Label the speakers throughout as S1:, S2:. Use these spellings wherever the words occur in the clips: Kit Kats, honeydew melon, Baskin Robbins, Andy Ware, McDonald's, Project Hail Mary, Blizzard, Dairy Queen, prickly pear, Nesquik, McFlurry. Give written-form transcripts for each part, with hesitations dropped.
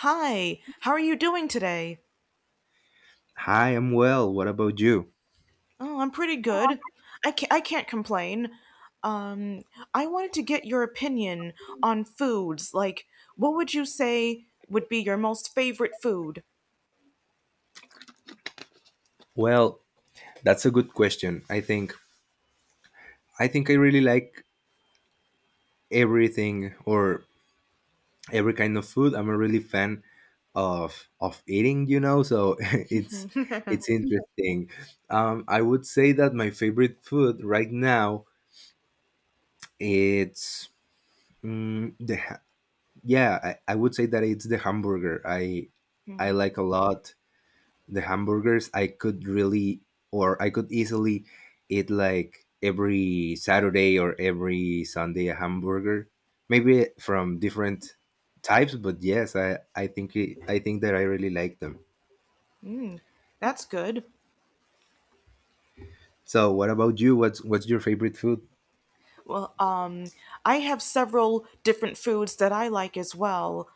S1: Hi, how are you doing today?
S2: Hi, I'm well. What about you?
S1: Oh, I'm pretty good. I can't complain. Um, I wanted to get your opinion on foods. What would you say would be your most favorite food?
S2: Well, that's a good question. I think I really like everything or every kind of food. I'm a really fan of eating, so it's interesting. I would say that my favorite food right now it's mm, the ha- yeah, I would say that it's the hamburger. I
S1: Hmm.
S2: I like a lot the hamburgers. I could really or I could easily eat like every Saturday or every Sunday a hamburger, maybe from different types. But yes, I think that I really like them.
S1: That's good.
S2: So what about you? What's your favorite food?
S1: Well, um, I have several different foods that I like as well.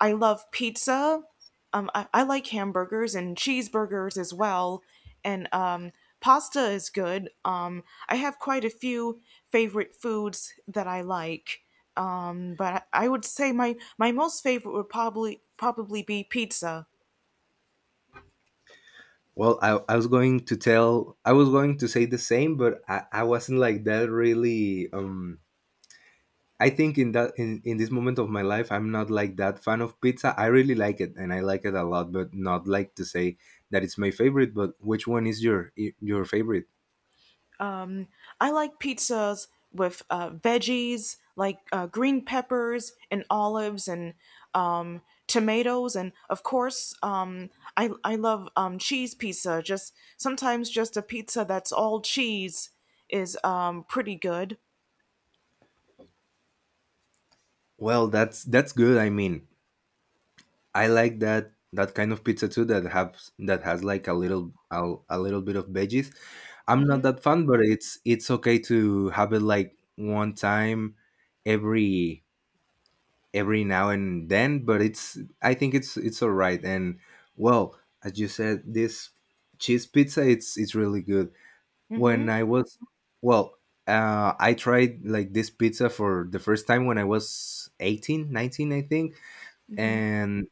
S1: I love pizza. I like hamburgers and cheeseburgers as well, and pasta is good. I have quite a few favorite foods that I like, but I would say my most favorite would probably be pizza.
S2: Well, I was going to say the same, but I wasn't like that really. I think in this moment of my life, I'm not like that fan of pizza. I really like it, and I like it a lot, but not like to say that it's my favorite. But which one is your favorite?
S1: I like pizzas with veggies, like green peppers and olives and um, tomatoes, and of course, I love cheese pizza. Just sometimes, just a pizza that's all cheese is pretty good.
S2: Well, that's good. I mean, I like that kind of pizza too that has like a little bit of veggies. I'm not
S1: hmm
S2: that fan, but it's okay to have it like one time every every now and then. But it's I think it's all right. And, well, as you said, this cheese pizza, it's really good. When
S1: hmm
S2: I was, well I tried like this pizza for the first time when I was 18 or 19, I think. And,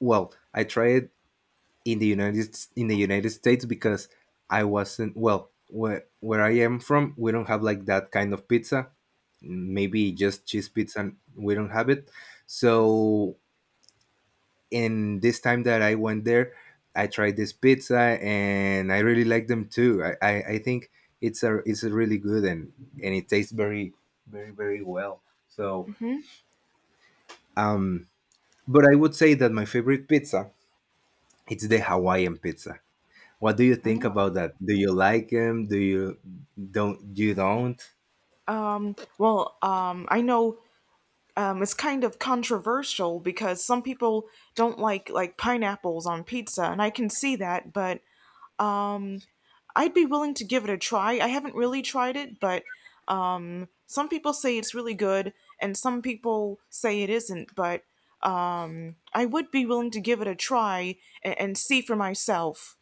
S2: well, I tried in the United States, because I wasn't well where I am from we don't have like that kind of pizza. Maybe just cheese pizza, we don't have it. So, and this time that I went there, I tried this pizza and I really like them too. I think it's a really good. And it tastes very, very, very well. So, um, but I would say that my favorite pizza, it's the Hawaiian pizza. What do you think about that? Do you like them? Do you Don't you, don't?
S1: I know it's kind of controversial because some people don't like pineapples on pizza, and I can see that, but um, I'd be willing to give it a try. I haven't really tried it, but some people say it's really good and some people say it isn't, but I would be willing to give it a try and see for myself.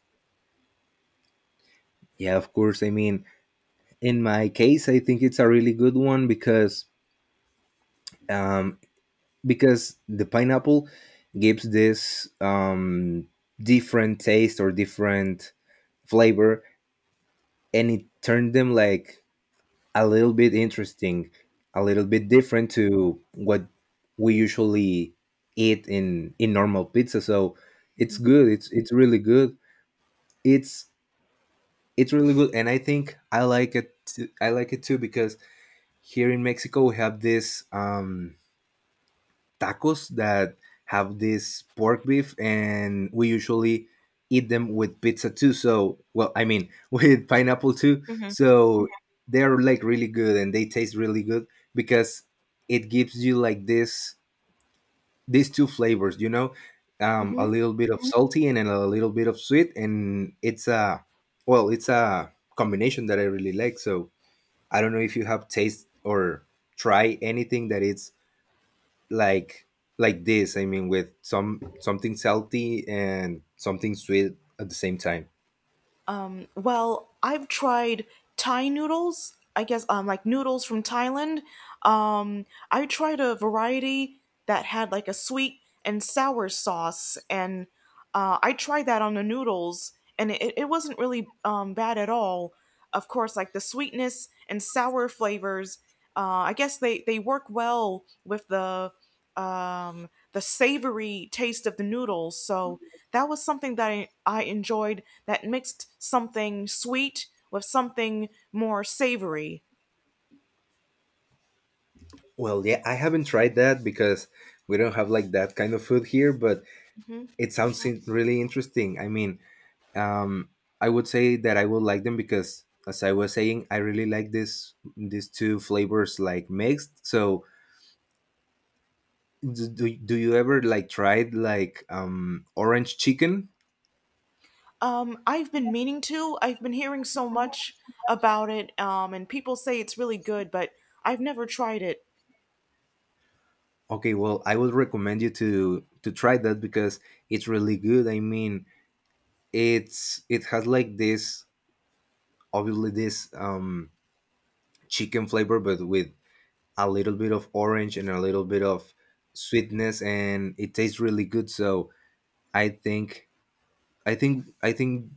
S2: Yeah, of course. I mean, in my case, I think it's a really good one, um, because the pineapple gives this different taste or different flavor, and it turned them like a little bit interesting, a little bit different to what we usually eat in normal pizza. So it's good, it's really good, it's it's really good. And I think I like it too, I like it too, because here in Mexico we have this tacos that have this pork beef, and we usually eat them with pizza too. So, well, I mean, with pineapple too.
S1: hmm
S2: So they're like really good and they taste really good, because it gives you like this, these two flavors, a
S1: hmm
S2: little bit of Mhm. salty and then a little bit of sweet, and it's a well, it's a combination that I really like. So I don't know if you have taste or try anything that it's like like this. I mean, with some, something salty and something sweet at the same time.
S1: Well, I've tried Thai noodles. I guess like noodles from Thailand. I tried a variety that had like a sweet and sour sauce, and I tried that on the noodles, and it wasn't really bad at all. Of course, like the sweetness and sour flavors. I guess they work well with the savory taste of the noodles. So that was something that I enjoyed that mixed something sweet with something more savory.
S2: Well, yeah, I haven't tried that, because we don't have like that kind of food here, but
S1: Hmm.
S2: it sounds in- really interesting. I mean, um I would say that I would like them, because, as I was saying, I really like this these two flavors like mixed. So, do you ever like tried like orange chicken?
S1: I've been meaning to. I've been hearing so much about it, and people say it's really good, but I've never tried it.
S2: Okay, well, I would recommend you to try that, because it's really good. I mean, it has like this, obviously this chicken flavor, but with a little bit of orange and a little bit of sweetness, and it tastes really good. So, I think I think,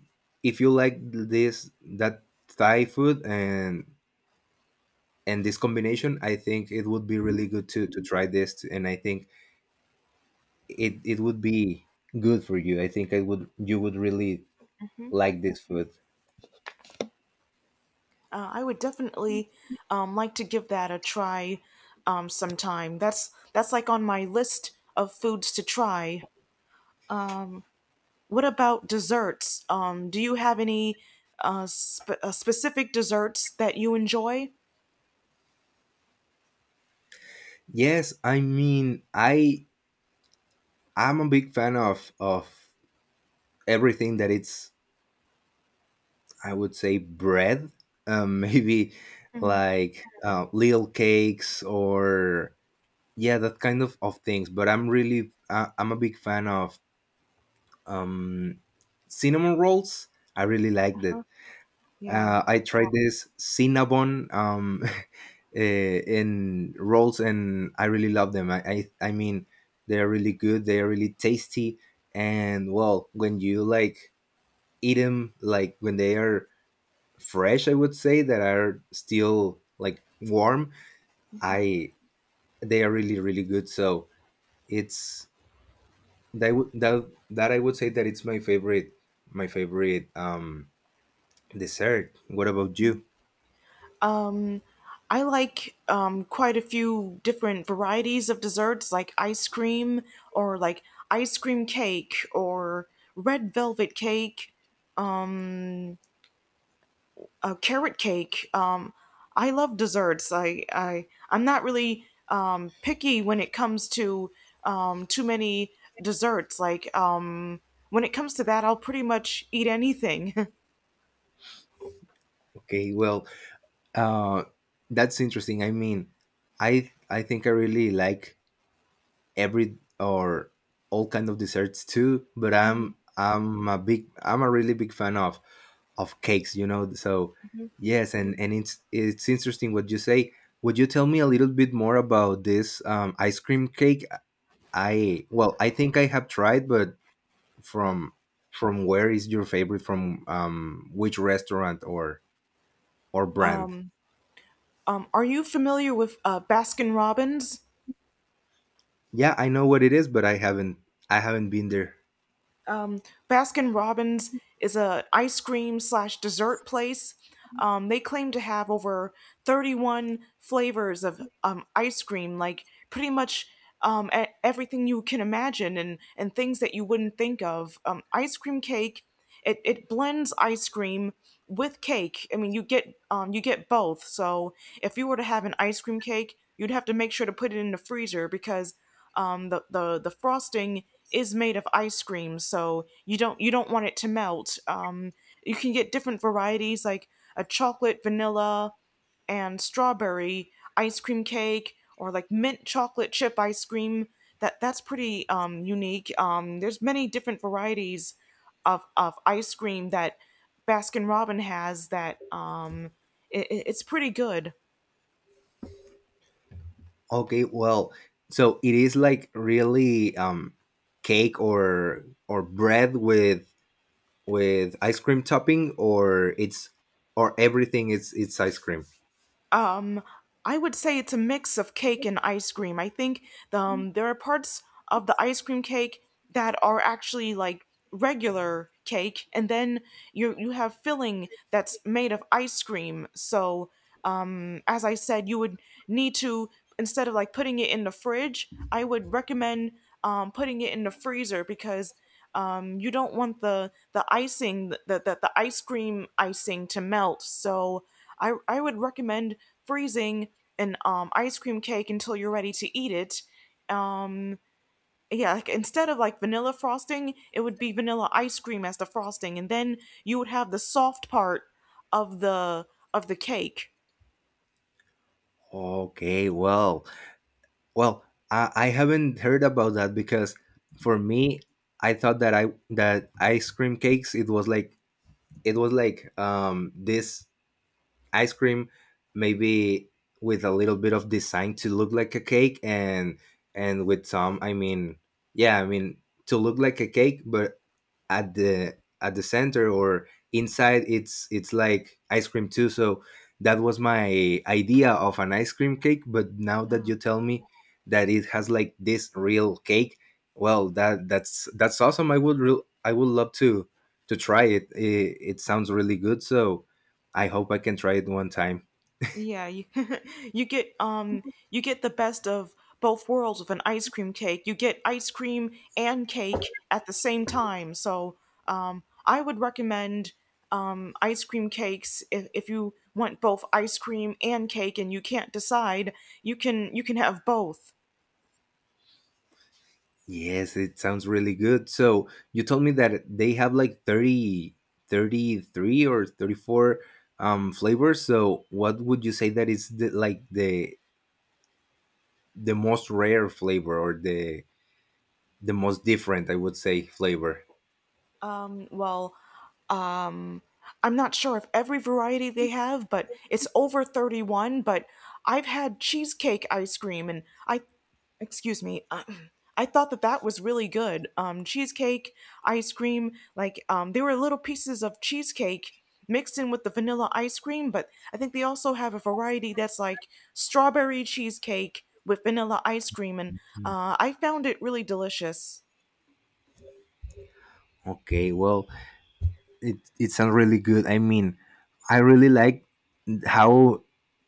S2: if you like this, that Thai food and this combination, I think it would be really good to try this, and I think it would be good for you. I think I would you would really like this food.
S1: I would definitely like to give that a try sometime. That's like on my list of foods to try. What about desserts? Do you have any specific desserts that you enjoy?
S2: Yes, I mean, I'm a big fan of everything that it's, I would say, bread. Maybe
S1: Mhm.
S2: like, little cakes, or, yeah, that kind of things. But I'm a big fan of um cinnamon rolls. I really like that.
S1: Huh? Yeah.
S2: I tried this cinnamon in rolls, and I really love them. I mean, they're really good. They're really tasty, and, well, when you like eat them, like when they are fresh, I would say that are still like warm. I They are really, really good. So, it's that would that that I would say that it's my favorite, my favorite um dessert. What about you?
S1: Um, I like quite a few different varieties of desserts, like ice cream or like ice cream cake or red velvet cake. Um, carrot cake. I love desserts. I'm not really picky when it comes to too many desserts. Like when it comes to that, I'll pretty much eat anything.
S2: Okay, well, Uh, that's interesting. I mean, I think I really like every or all kind of desserts too, but I'm a really big fan of cakes, you know. So, yes, and it's interesting what you say. Would you tell me a little bit more about this ice cream cake? I Well, I think I have tried, but from from where is your favorite? From which restaurant or brand?
S1: Um, are you familiar with Baskin Robbins?
S2: Yeah, I know what it is, but I haven't been there.
S1: Um, Baskin Robbins is a ice cream slash dessert place. They claim to have over 31 flavors of ice cream, like pretty much everything you can imagine and things that you wouldn't think of. Ice cream cake, it blends ice cream with cake. I mean, you get both. So if you were to have an ice cream cake, you'd have to make sure to put it in the freezer because the frosting is made of ice cream, so you don't want it to melt. You can get different varieties like a chocolate, vanilla, and strawberry ice cream cake or like mint chocolate chip ice cream. That's pretty unique. There's many different varieties of ice cream that Baskin Robin has that it's pretty good.
S2: Okay, well, so it is like really cake or bread with ice cream topping, or it's or everything is, it's ice cream.
S1: Um I would say it's a mix of cake and ice cream. I think there are parts of the ice cream cake that are actually like regular cake and then you have filling that's made of ice cream. So as I said, you would need to, instead of like putting it in the fridge, I would recommend putting it in the freezer because you don't want the icing the ice cream icing to melt. So I would recommend freezing an ice cream cake until you're ready to eat it. Um, yeah, like instead of like vanilla frosting, it would be vanilla ice cream as the frosting, and then you would have the soft part of the of the cake.
S2: Okay, well. Well, I haven't heard about that, because for me I thought that ice cream cakes it was like, it was like this ice cream, maybe with a little bit of design to look like a cake, and with some, I mean, yeah, I mean, to look like a cake, but at the center or inside, it's like ice cream too. So that was my idea of an ice cream cake. But now that you tell me that it has like this real cake, well, that's awesome. I would love to try it. It sounds really good. So I hope I can try it one time.
S1: Yeah, you, you get um you get the best of both worlds with an ice cream cake. You get ice cream and cake at the same time. So, I would recommend ice cream cakes if you want both ice cream and cake and you can't decide, you can have both.
S2: Yes, it sounds really good. So you told me that they have like 30, 33 or 34 flavors. So what would you say that is the most rare flavor, or the most different, I would say, flavor?
S1: Um, well, um, I'm not sure if every variety they have, but it's over 31. But I've had cheesecake ice cream, and I, excuse me, I thought that that was really good. Cheesecake ice cream, like there were little pieces of cheesecake mixed in with the vanilla ice cream, but I think they also have a variety that's like strawberry cheesecake with vanilla ice cream, and
S2: Mm.
S1: I found it really delicious.
S2: Okay, well, it sounds really good. I mean, I really like how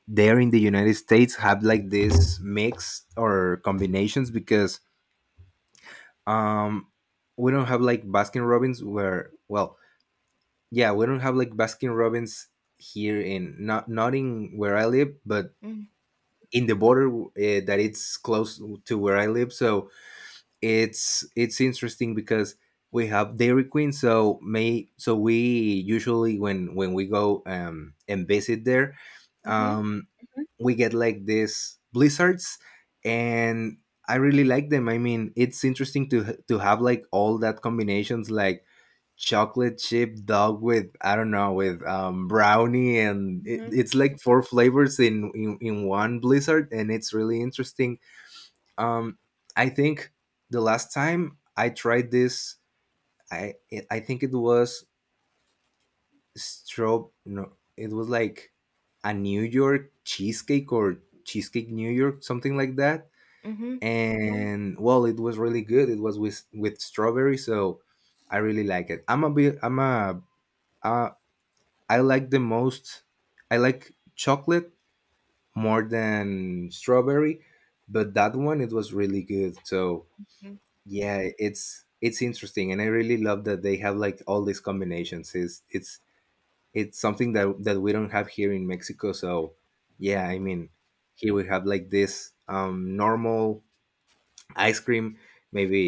S2: there in the United States have like this mix or combinations, because um we don't have like Baskin Robbins, where, yeah, we don't have like Baskin Robbins here in, not in where I live, but
S1: Mm-hmm.
S2: in the border, that it's close to where I live. So it's interesting, because we have Dairy Queen, so may so we usually, when we go, and visit there,
S1: Mm-hmm.
S2: um we get like these blizzards. And I really like them. I mean, it's interesting to have like all that combinations, like chocolate chip dog with, I don't know, with brownie, and
S1: Mm-hmm.
S2: it's like four flavors in one blizzard, and it's really interesting. um I think the last time I tried this, i I think it was strobe no it was like a New York cheesecake, or cheesecake New York, something like that.
S1: Mm-hmm.
S2: And, well, it was really good. It was with strawberry. So I really like it. I'm a bit I'm a uh, I like the most I like chocolate more than strawberry, but that one, it was really good. So,
S1: Mhm,
S2: yeah, it's interesting, and I really love that they have like all these combinations. It's something that we don't have here in Mexico. So, yeah, I
S1: mhm,
S2: mean, here we have like this normal ice cream, maybe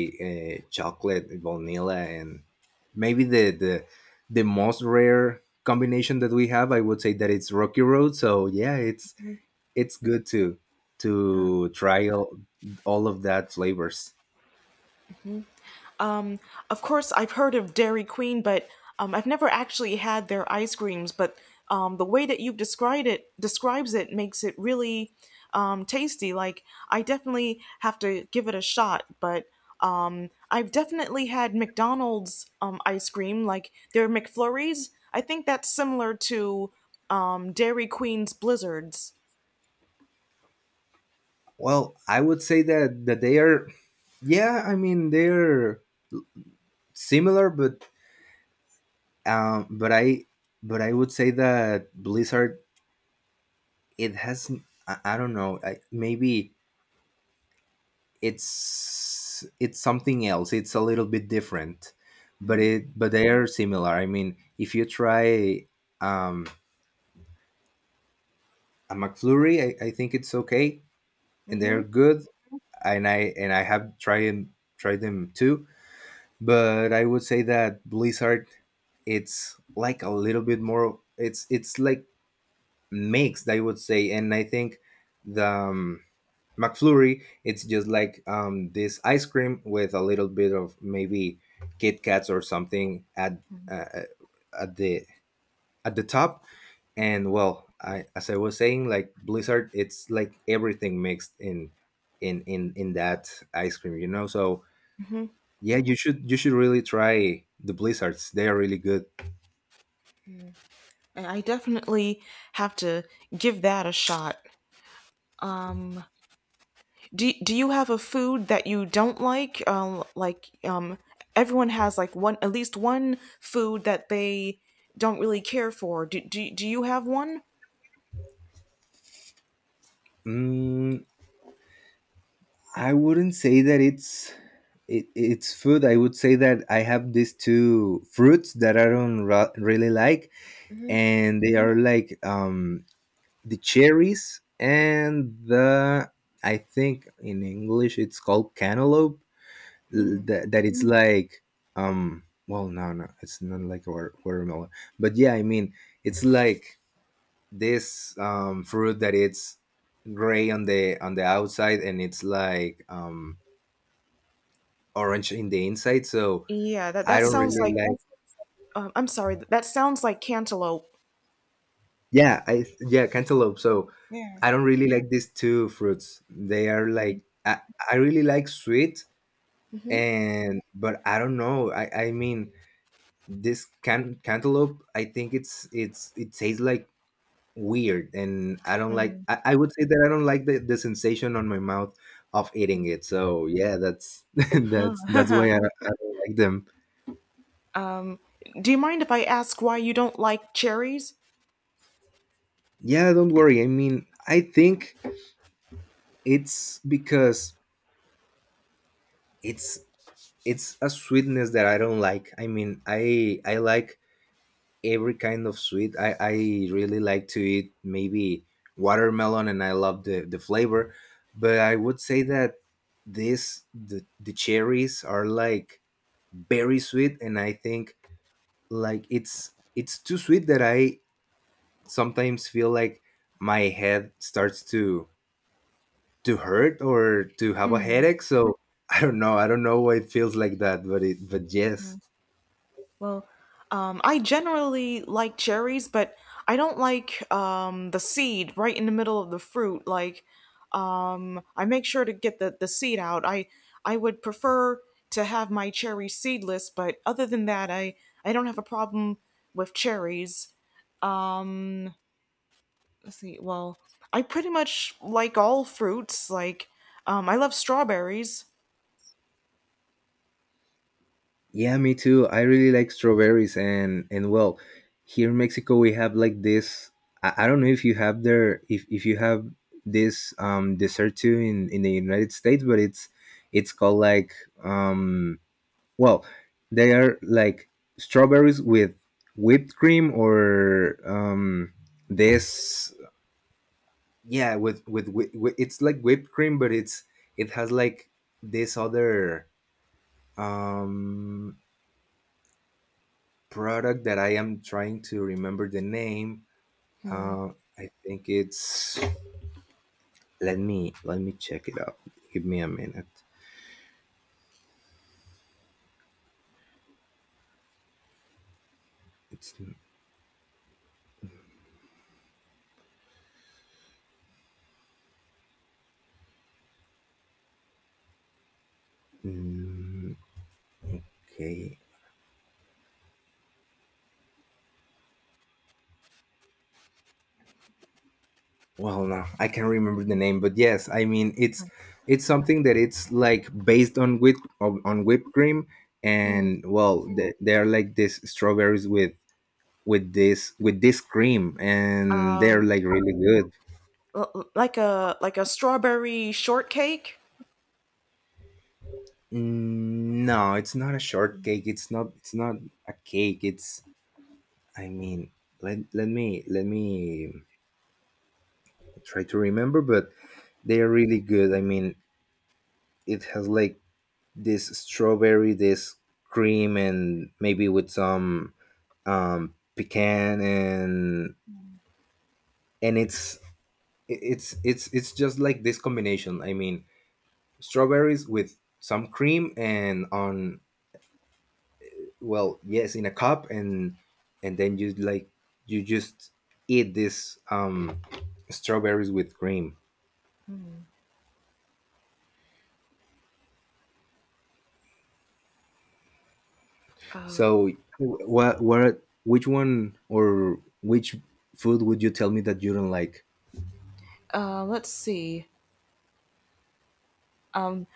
S2: chocolate, vanilla, and maybe the most rare combination that we have. I would say that it's Rocky Road. So, yeah,
S1: mhm.
S2: it's good
S1: Yeah.
S2: to try all of that flavors.
S1: Um, of course, I've heard of Dairy Queen, but I've never actually had their ice creams. But the way that you've described it describes it makes it really tasty. Like I definitely have to give it a shot. But I've definitely had McDonald's ice cream, like their McFlurries. I think that's similar to Dairy Queen's Blizzards.
S2: Well, I would say that they are, yeah, I mean, they're similar, but um but i but I would say that blizzard, it has, I don't know, maybe it's something else, it's a little bit different, but they are similar. I mean, if you try um a McFlurry, I think it's okay, and
S1: Mm-hmm.
S2: they're good, and I have tried and tried them too. But I would say that blizzard, it's like a little bit more, it's like mixed, I would say. And I think the McFlurry, it's just like this ice cream with a little bit of maybe Kit Kats or something at, uh, at the, top. And well, I, as I was saying, like Blizzard, it's like everything mixed in in that ice cream, you know. So
S1: Mm-hmm.
S2: yeah, you should really try the Blizzards. They are really good.
S1: And I definitely have to give that a shot. Um, do you have a food that you don't like? Everyone has like one, at least one food that they don't really care for. Do you have one?
S2: Mm, I wouldn't say that it's food. I would say that I have these two fruits that I don't really like, and they are like the cherries and the I think in English it's called cantaloupe. l-
S1: Hmm.
S2: That that it's like well no, it's not like a watermelon, but yeah, I mean it's like this fruit that it's gray on the outside, and it's like orange in the inside, so
S1: Yeah, that
S2: I
S1: that
S2: don't
S1: sounds
S2: really
S1: like.
S2: like.
S1: I'm sorry. That sounds like cantaloupe.
S2: Yeah, I yeah, cantaloupe. So
S1: Yeah.
S2: I don't really like these two fruits. They are like I really like sweet,
S1: Mm-hmm.
S2: and but I don't know. I mean this cantaloupe. I think it tastes like weird, and I don't like. I would say that I don't like the sensation on my mouth of eating it. So yeah, that's that's why I don't like them.
S1: um, do you mind if I ask why you don't like cherries?
S2: Yeah, don't worry. I mean, I think it's because it's it's a sweetness that I don't like. I mean, I like every kind of sweet. I really like to eat maybe watermelon, and I love the flavor. But I would say that this the cherries are like very sweet, and I think like it's too sweet that I sometimes feel like my head starts to hurt or to have a headache. So I don't know. I don't know why it feels like that, but yes,
S1: Well, I generally like cherries, but I don't like the seed right in the middle of the fruit. Like, I make sure to get the seed out. I would prefer to have my cherry seedless, but other than that, I don't have a problem with cherries. Um, let's see. Well, I pretty much like all fruits. Like, I love strawberries.
S2: yeah, me too. I really like strawberries, and well, here in Mexico we have like this. I don't know if you have there, if you have this dessert too, in the United States, but it's called like um well, they are like strawberries with whipped cream, or this, yeah, with with, it's like whipped cream, but it's, it has like this other um product that I am trying to remember the name.
S1: Hmm.
S2: uh I think it's, let me check it out. Give me a minute. It's mm, okay, well, no, I can't remember the name, but yes, I mean, it's something that it's like based on whipped cream,
S1: Hmm.
S2: and well they're like this strawberries with this, with this cream, and they're
S1: Um,
S2: like really good.
S1: like a strawberry shortcake.
S2: No, it's not a cake. It's, I mean, let me try to remember, but they are really good. I mean, it has like this strawberry, this cream, and maybe with some pecan, and it's it's just like this combination. I mean, strawberries with some cream and on, well, yes, in a cup, and then you like, you just eat this strawberries with cream. So what which one, or which food would you tell me that you don't like?
S1: Uh, let's see. Um,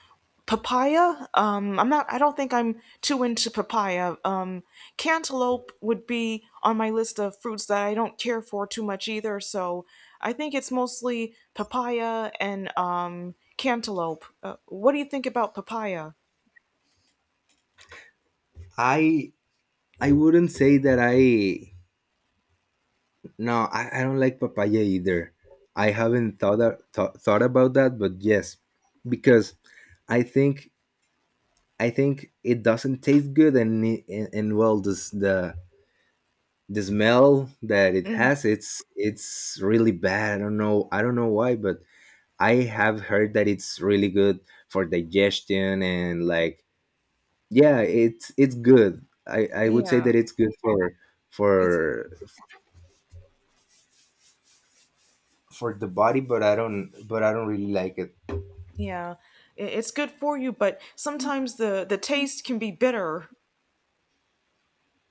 S1: papaya. I'm not. I don't think I'm too into papaya. Cantaloupe would be on my list of fruits that I don't care for too much either. So I think it's mostly papaya and cantaloupe. What do you think about papaya?
S2: I i wouldn't say that I, no, I I don't like papaya either. I haven't thought, a- thought thought about that, but yes, because I think I think it doesn't taste good, and well, this the smell that it
S1: Mm,
S2: has, it's really bad. I don't know why, but I have heard that it's really good for digestion and like, yeah, it's good. I would say
S1: yeah,
S2: that it's good for
S1: it's
S2: for for the body, but I don't really like it.
S1: yeah, it's good for you, but sometimes the taste can be bitter.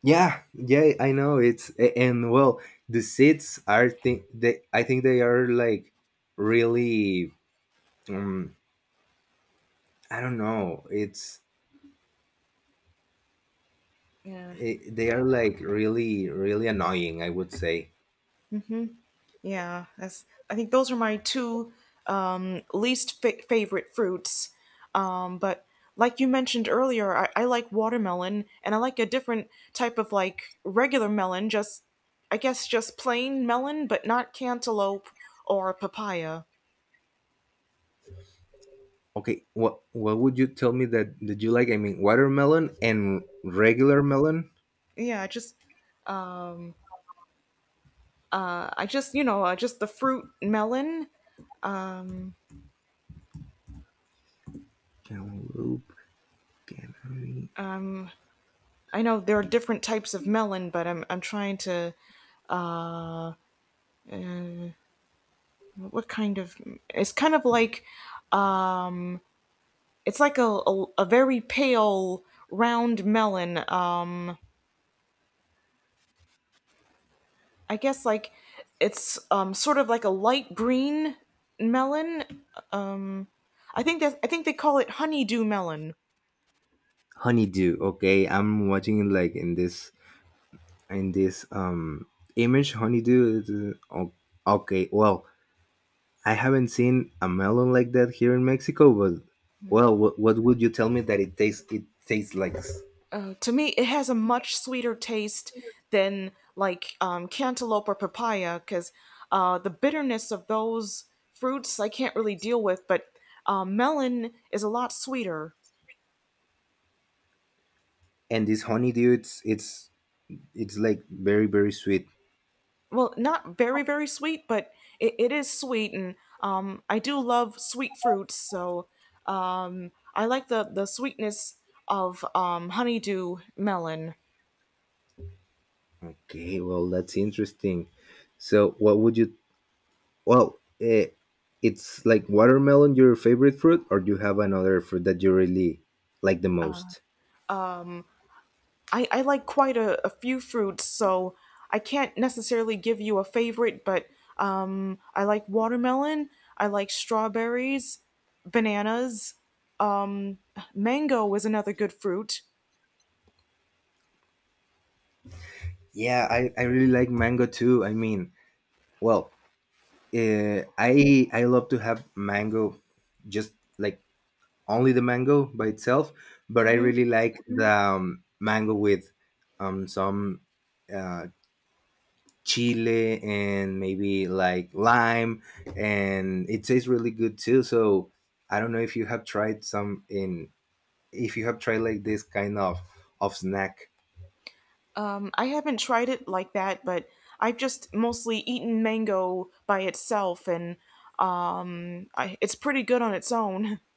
S2: Yeah, yeah, I know and well, the seeds are, think they I think they are like really. um I don't know. It's,
S1: Yeah.
S2: it, they are like really, really annoying, I would say.
S1: Yeah, that's. I think those are my two um, least favorite fruits. But like you mentioned earlier, I like watermelon, and I like a different type of like regular melon. Just, I guess, just plain melon, but not cantaloupe or papaya.
S2: Okay, what would you tell me that did you like? I mean, watermelon and regular melon.
S1: Yeah, I just, you know, just the fruit melon.
S2: Cantaloupe, canary,
S1: I know there are different types of melon, but I'm trying to. What kind of? It's kind of like it's like a very pale round melon. I guess like it's sort of like a light green melon. Um, I think they call it honeydew melon.
S2: honeydew. Okay, I'm watching it like in this, in this image. Honeydew. Is, okay, well, I haven't seen a melon like that here in Mexico, but well, what would you tell me that it tastes? It tastes like,
S1: To me, it has a much sweeter taste than like cantaloupe or papaya because the bitterness of those fruits I can't really deal with. But melon is a lot sweeter.
S2: and this honeydew, it's like very, very sweet.
S1: Well, not very, very sweet, but it is sweet, and I do love sweet fruits, so I like the sweetness of honeydew melon.
S2: Okay, well, that's interesting. So, what would you? Well, it's like watermelon, your favorite fruit, or do you have another fruit that you really like the most?
S1: I like quite a few fruits, so I can't necessarily give you a favorite, but I like watermelon, I like strawberries, bananas, um, mango is another good fruit.
S2: Yeah, I really like mango too. I mean, well, I love to have mango, just like only the mango by itself, but I
S1: Mm-hmm.
S2: really like the mango with some uh, chile and maybe like lime, and it tastes really good too. So I don't know if you have tried some in, if you have tried like this kind of snack.
S1: I haven't tried it like that, but I've just mostly eaten mango by itself, and it's pretty good on its own.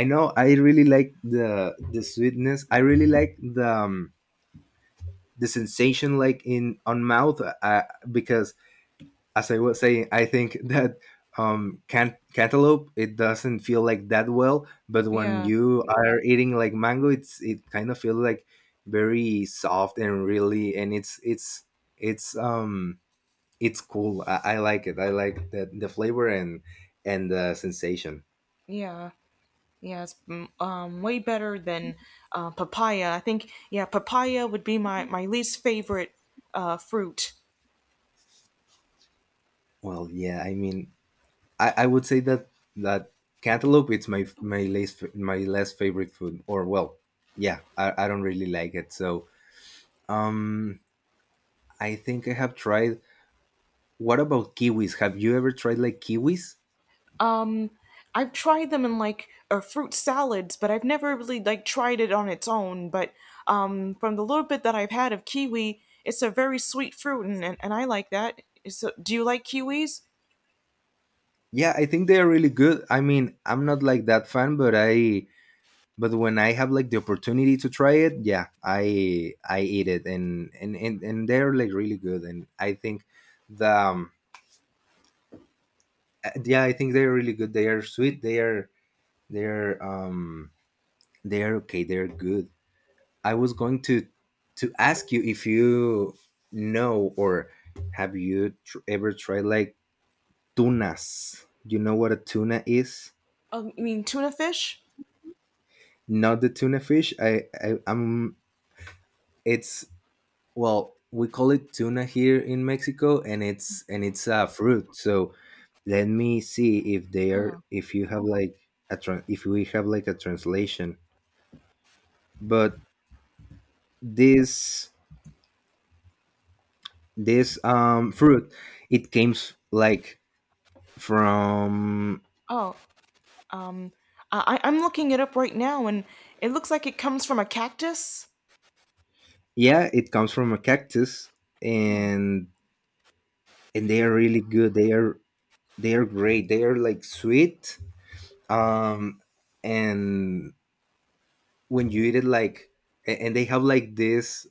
S2: I know, I really like the sweetness. I really like the sensation like in on mouth. Because as I was saying, I think that cantaloupe, it doesn't feel like that well, but when
S1: Yeah,
S2: you are eating like mango, it's, it kind of feels like very soft and really, and it's, it's um it's cool. I like it. I like the flavor and the sensation.
S1: yeah, yeah. It's way better than papaya. I think, yeah, papaya would be my least favorite fruit.
S2: Well, yeah, I mean, I would say that that cantaloupe, it's my my least my less favorite food, or well, yeah, I don't really like it. So um I think I have tried. What about kiwis? Have you ever tried like kiwis?
S1: Um, I've tried them in like fruit salads, but I've never really like tried it on its own. But from the little bit that I've had of kiwi, it's a very sweet fruit, and I like that. So, do you like kiwis?
S2: Yeah, I think they are really good. I mean, I'm not like that fan, but I, but when I have like the opportunity to try it, yeah, I eat it, and and they're like really good, and I think the yeah, I think they're really good. They are sweet. They are, they're um they're okay. They're good. I was going to ask you if you know, or have you ever tried like tunas. You know what a tuna is?
S1: I mean, tuna fish?
S2: Not the tuna fish. I'm. It's, well, we call it tuna here in Mexico, and it's, and it's a fruit. So let me see if they are,
S1: Oh,
S2: if you have like a tran if we have like a translation. But this this fruit, it came like from,
S1: oh. Um, I'm looking it up right now, and it looks like it comes from a cactus.
S2: yeah, it comes from a cactus,
S1: Oh,
S2: and and they are really good. They are, they're great. They are like sweet. Um, and when you eat it, like, and they have like this,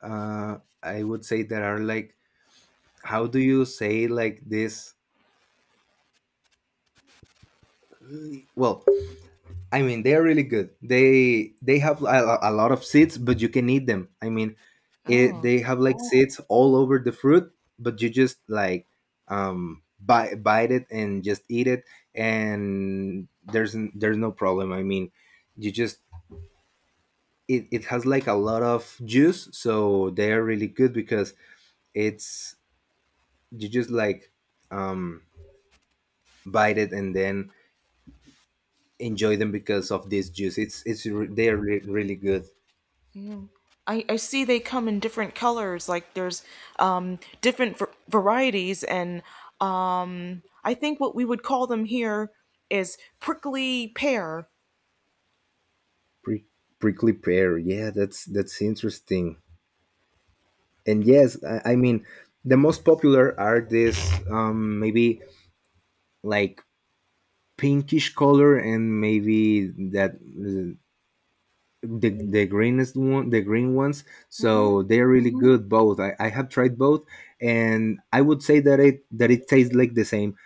S2: I would say that are like, how do you say like this? Well, I mean, they're really good. They have a lot of seeds, but you can eat them. I mean, it,
S1: oh,
S2: they have like seeds all over the fruit, but you just like bite it and just eat it, and there's there's no problem. I mean, you just, it has like a lot of juice, so they are really good because it's, you just like um bite it, and then enjoy them because of this juice. It's they're really good.
S1: yeah. I see they come in different colors. Like there's um, different varieties, and um, I think what we would call them here is prickly pear.
S2: Pri- prickly pear, yeah, that's interesting. And yes, I mean, the most popular are this maybe like pinkish color, and maybe that the greenest one the green ones.
S1: Mm-hmm.
S2: So they're really good both. I have tried both, and I would say that it tastes like the same,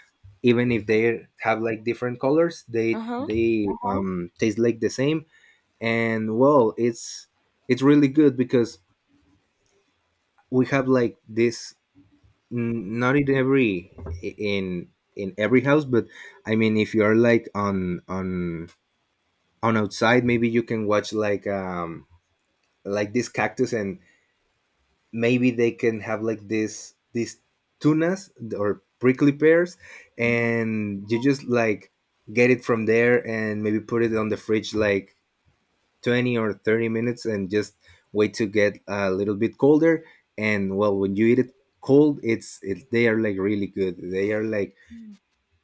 S2: even if they have like different colors. they
S1: Uh-huh.
S2: they taste like the same. And well, it's really good because we have like this not in every in in every house, but I mean, if you are like on outside, maybe you can watch like this cactus, and maybe they can have like this, these tunas or prickly pears, and you just like get it from there, and maybe put it on the fridge like 20 or 30 minutes, and just wait to get a little bit colder, and well, when you eat it cold, it's, it, they are like really good. They are like,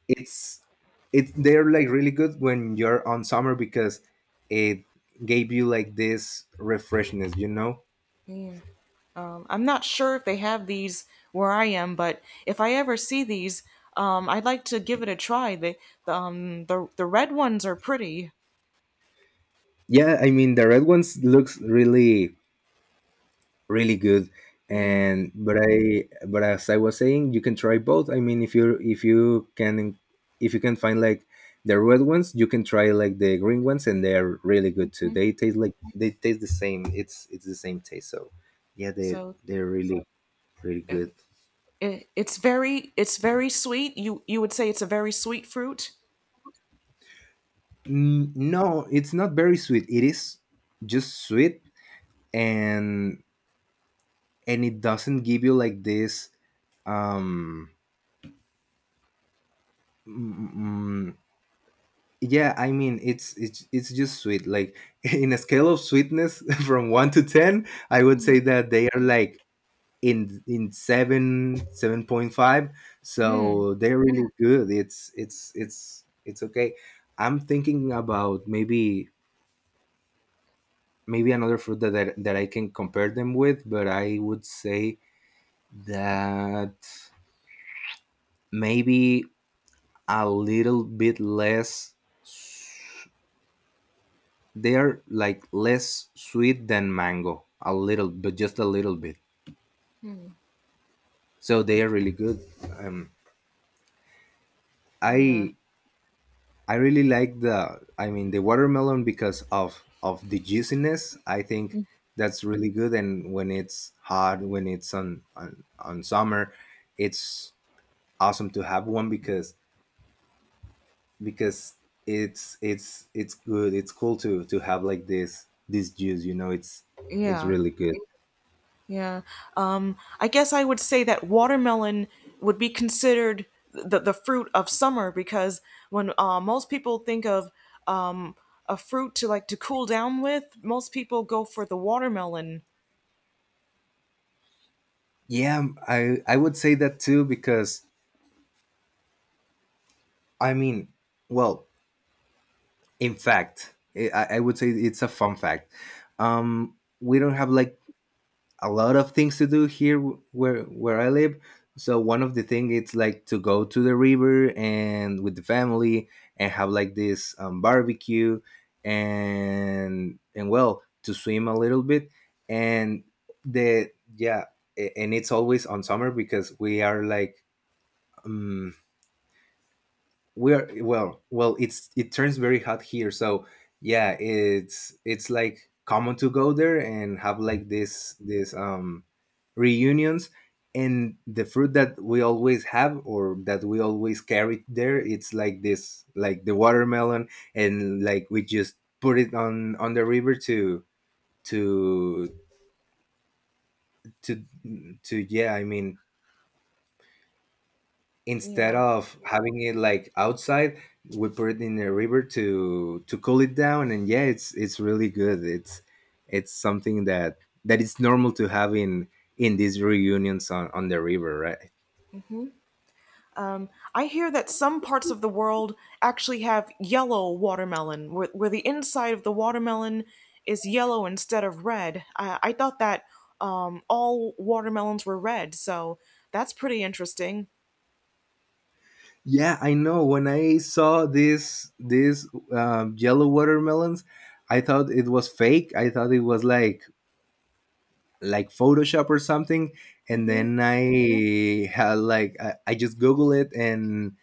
S2: it's, it, they're like really good when you're on summer, because it gave you like this refreshness, you know.
S1: Yeah. I'm not sure if they have these where I am, but if I ever see these, I'd like to give it a try. The the red ones are pretty.
S2: Yeah, I mean, the red ones looks really really good,
S1: Yeah.
S2: and but as I was saying, you can try both. I mean, if you can find like the red ones, you can try like the green ones, and they're really good too.
S1: Mhm.
S2: They taste like, they taste the same. It's the same taste. So yeah, they,
S1: So
S2: they're really really
S1: uh,
S2: good.
S1: it's very, it's very sweet. You would say it's a very sweet fruit.
S2: No, it's not very sweet. It is just sweet, and and it doesn't give you like this um yeah, I mean, it's it's just sweet. Like in a scale of sweetness from 1 to 10, I would say that they are like in 7, 7.5,
S1: Mm.
S2: so they're really good. It's okay. I'm thinking about maybe maybe another fruit that I can compare them with, but I would say that maybe a little bit less. They are like less sweet than mango, a little, but just a little bit, so they are really good. um
S1: Yeah.
S2: i I really like the, I mean, the watermelon because of the juiciness, I think that's really good. And when it's hot, when it's on summer, it's awesome to have one because it's good. It's cool to have like this juice, it's
S1: Yeah.
S2: really good.
S1: Yeah. I guess I would say that watermelon would be considered the fruit of summer because when most people think of um, a fruit to like to cool down with, most people go for the watermelon.
S2: Yeah, I would say that too because I mean, well, in fact, I would say it's a fun fact. We don't have like a lot of things to do here where I live. So one of the thing it's like to go to the river and with the family and have like this barbecue, and well, to swim a little bit, and the yeah and it's always on summer because we are like. Um, we're well well it's it turns very hot here, so yeah, it's like common to go there and have like this reunions. And the fruit that we always have, or that we always carry there, it's like this, like the watermelon. And like we just put it on the river to to to yeah, I mean, instead
S1: Yeah.
S2: of having it like outside, we put it in the river to cool it down. And yeah, it's really good. It's something that that is normal to have in these reunions on the river, right?
S1: I hear that some parts of the world actually have yellow watermelon, where the inside of the watermelon is yellow instead of red. I thought that all watermelons were red, so that's pretty interesting.
S2: Yeah, I know when I saw this this yellow watermelons, I thought it was fake. I thought it was like Photoshop or something, and then I had like I just Google it,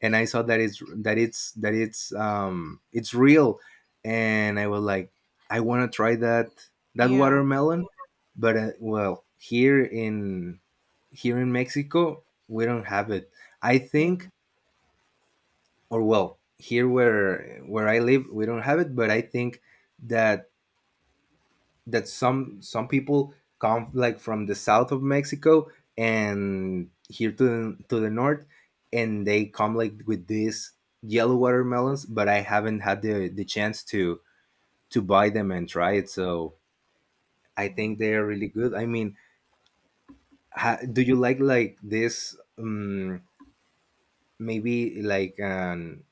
S2: and I saw that it's real, and I was like I want to try that that
S1: Yeah,
S2: watermelon, but well, here in here in Mexico we don't have it. I
S1: yeah.
S2: think, or well, here where I live we don't have it, but I think that that some people come like from the south of Mexico and here to the north, and they come like with these yellow watermelons. But I haven't had the chance to buy them and try it. So I think they are really good. I mean, ha, do you like this? Maybe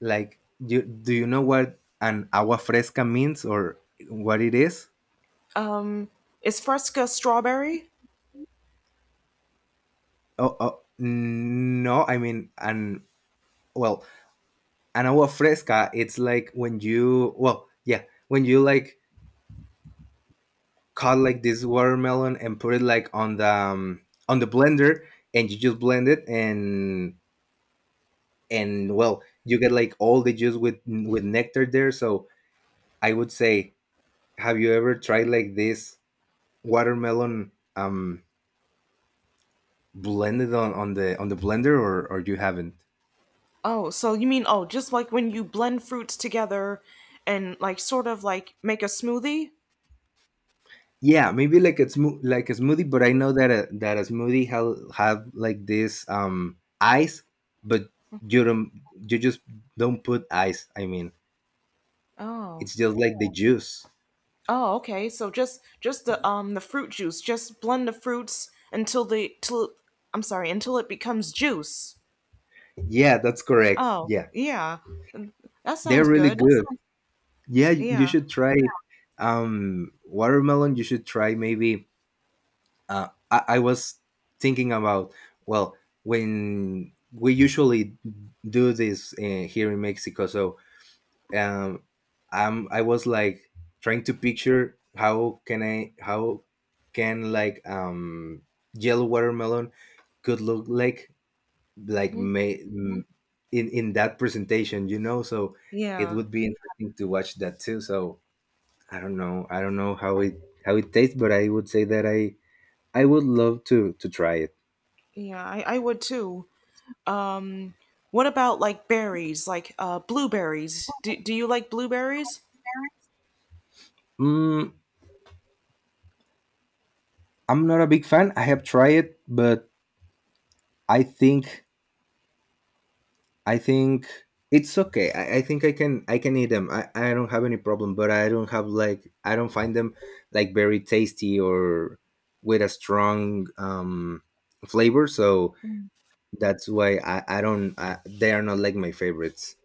S2: like you do you know what an agua fresca means or what it is?
S1: Is Fresca strawberry?
S2: Oh, oh no, I mean, and well, an agua fresca, it's like when you, well, yeah, when you like cut like this watermelon and put it like on the blender, and you just blend it, and well, you get like all the juice with nectar there. So I would say, have you ever tried like this watermelon blended on the blender, or you haven't?
S1: Oh, so you mean, oh, just like when you blend fruits together and like sort of like make a smoothie?
S2: Yeah, maybe like a like a smoothie, but I know that a, that a smoothie have like this ice, but you don't, you just don't put ice. I mean,
S1: Oh.
S2: it's just like the juice.
S1: Oh, okay. So just the fruit juice. Just blend the fruits until the till I'm sorry, until it becomes juice.
S2: Yeah, that's correct.
S1: Oh,
S2: Yeah,
S1: yeah. That
S2: they're
S1: sounds
S2: really
S1: good.
S2: good. Yeah, you
S1: Yeah.
S2: you should try watermelon. You should try maybe. I was thinking about, well, when we usually do this here in Mexico. So um I was like trying to picture how can I how can like yellow watermelon could look like
S1: Mhm.
S2: may Mhm. In that presentation, you know. So it
S1: Yeah.
S2: would be interesting to watch that too. So I don't know, I don't know how it tastes, but I would say that I would love to try it.
S1: Yeah, I would too. Um, what about like berries, like blueberries? Do you like blueberries?
S2: Mm, I'm not a big fan. I have tried it, but I think I think it's okay. I think I can eat them. I don't have any problem, but I don't have like I don't find them like very tasty or with a strong flavor. So that's why I don't I, they are not like my favorites.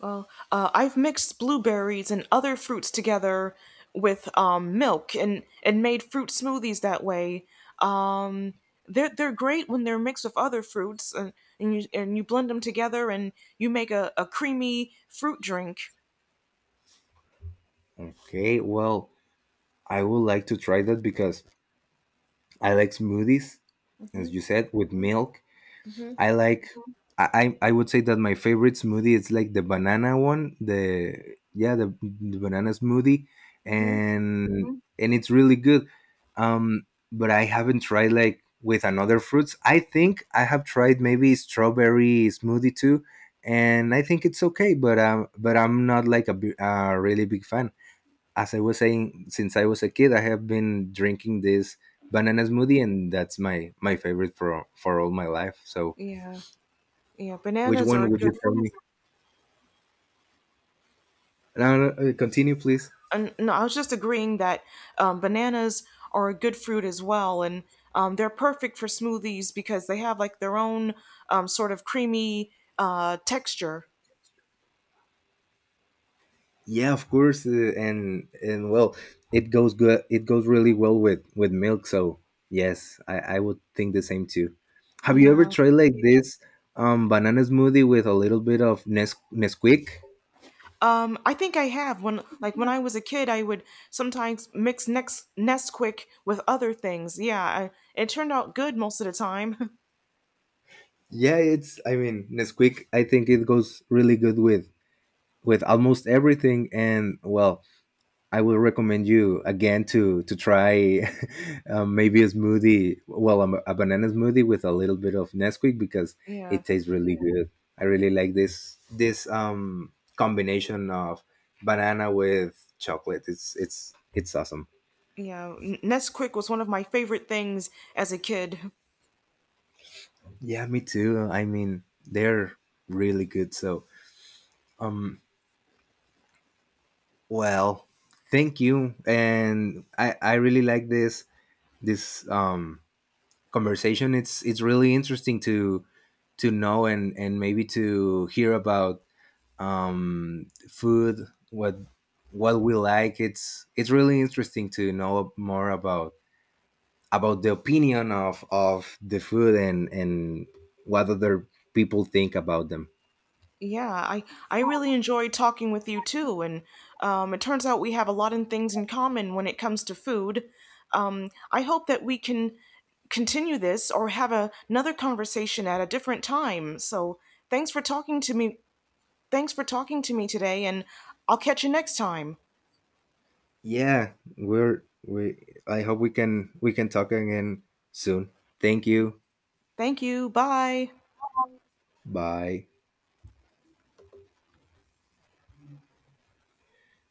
S1: Well, I've mixed blueberries and other fruits together with milk and made fruit smoothies that way. Um, they're great when they're mixed with other fruits, and you blend them together and you make a creamy fruit drink.
S2: Okay, well, I would like to try that because I like smoothies, as you said, with milk I like. I would say that my favorite smoothie is like the banana one. The yeah, the banana smoothie,
S1: Hmm.
S2: and and it's really good. Um, but I haven't tried like with another fruits. I think I have tried maybe strawberry smoothie too, and I think it's okay. But I'm not like a a really big fan. As I was saying, since I was a kid, I have been drinking this banana smoothie, and that's my my favorite for all my life. So
S1: Yeah, yeah.
S2: which
S1: Bananas are a
S2: one would you
S1: good.
S2: tell me? No, no, continue, please.
S1: And no, I was just agreeing that bananas are a good fruit as well, and they're perfect for smoothies because they have like their own sort of creamy texture.
S2: Yeah, of course, and well, it goes good. It goes really well with milk. So yes, I would think the same too. Have you ever
S1: Yeah.
S2: tried like this banana smoothie with a little bit of Nesquik?
S1: I think I have when like when I was a kid, I would sometimes mix next Nesquik with other things. Yeah, I, it turned out good most of the time.
S2: Yeah, it's. I mean, Nesquik, I think it goes really good with almost everything. And well, I will recommend you again to try maybe a smoothie, well, a banana smoothie with a little bit of Nesquik because
S1: Yeah.
S2: it tastes really good. I really like this combination of banana with chocolate. It's awesome.
S1: Yeah, Nesquik was one of my favorite things as a kid.
S2: Yeah, me too. I mean, they're really good. So, um, well, thank you, and I really like this conversation. It's really interesting to know, and maybe to hear about food, what what we like. It's really interesting to know more about the opinion of the food, and what other people think about them.
S1: Yeah, I really enjoyed talking with you too, and it turns out we have a lot of things in common when it comes to food. I hope that we can continue this or have another conversation at a different time. So thanks for talking to me thanks for talking to me today, and I'll catch you next time.
S2: Yeah, we're we. I hope we can talk again soon. Thank you.
S1: Thank you. Bye.
S2: Bye.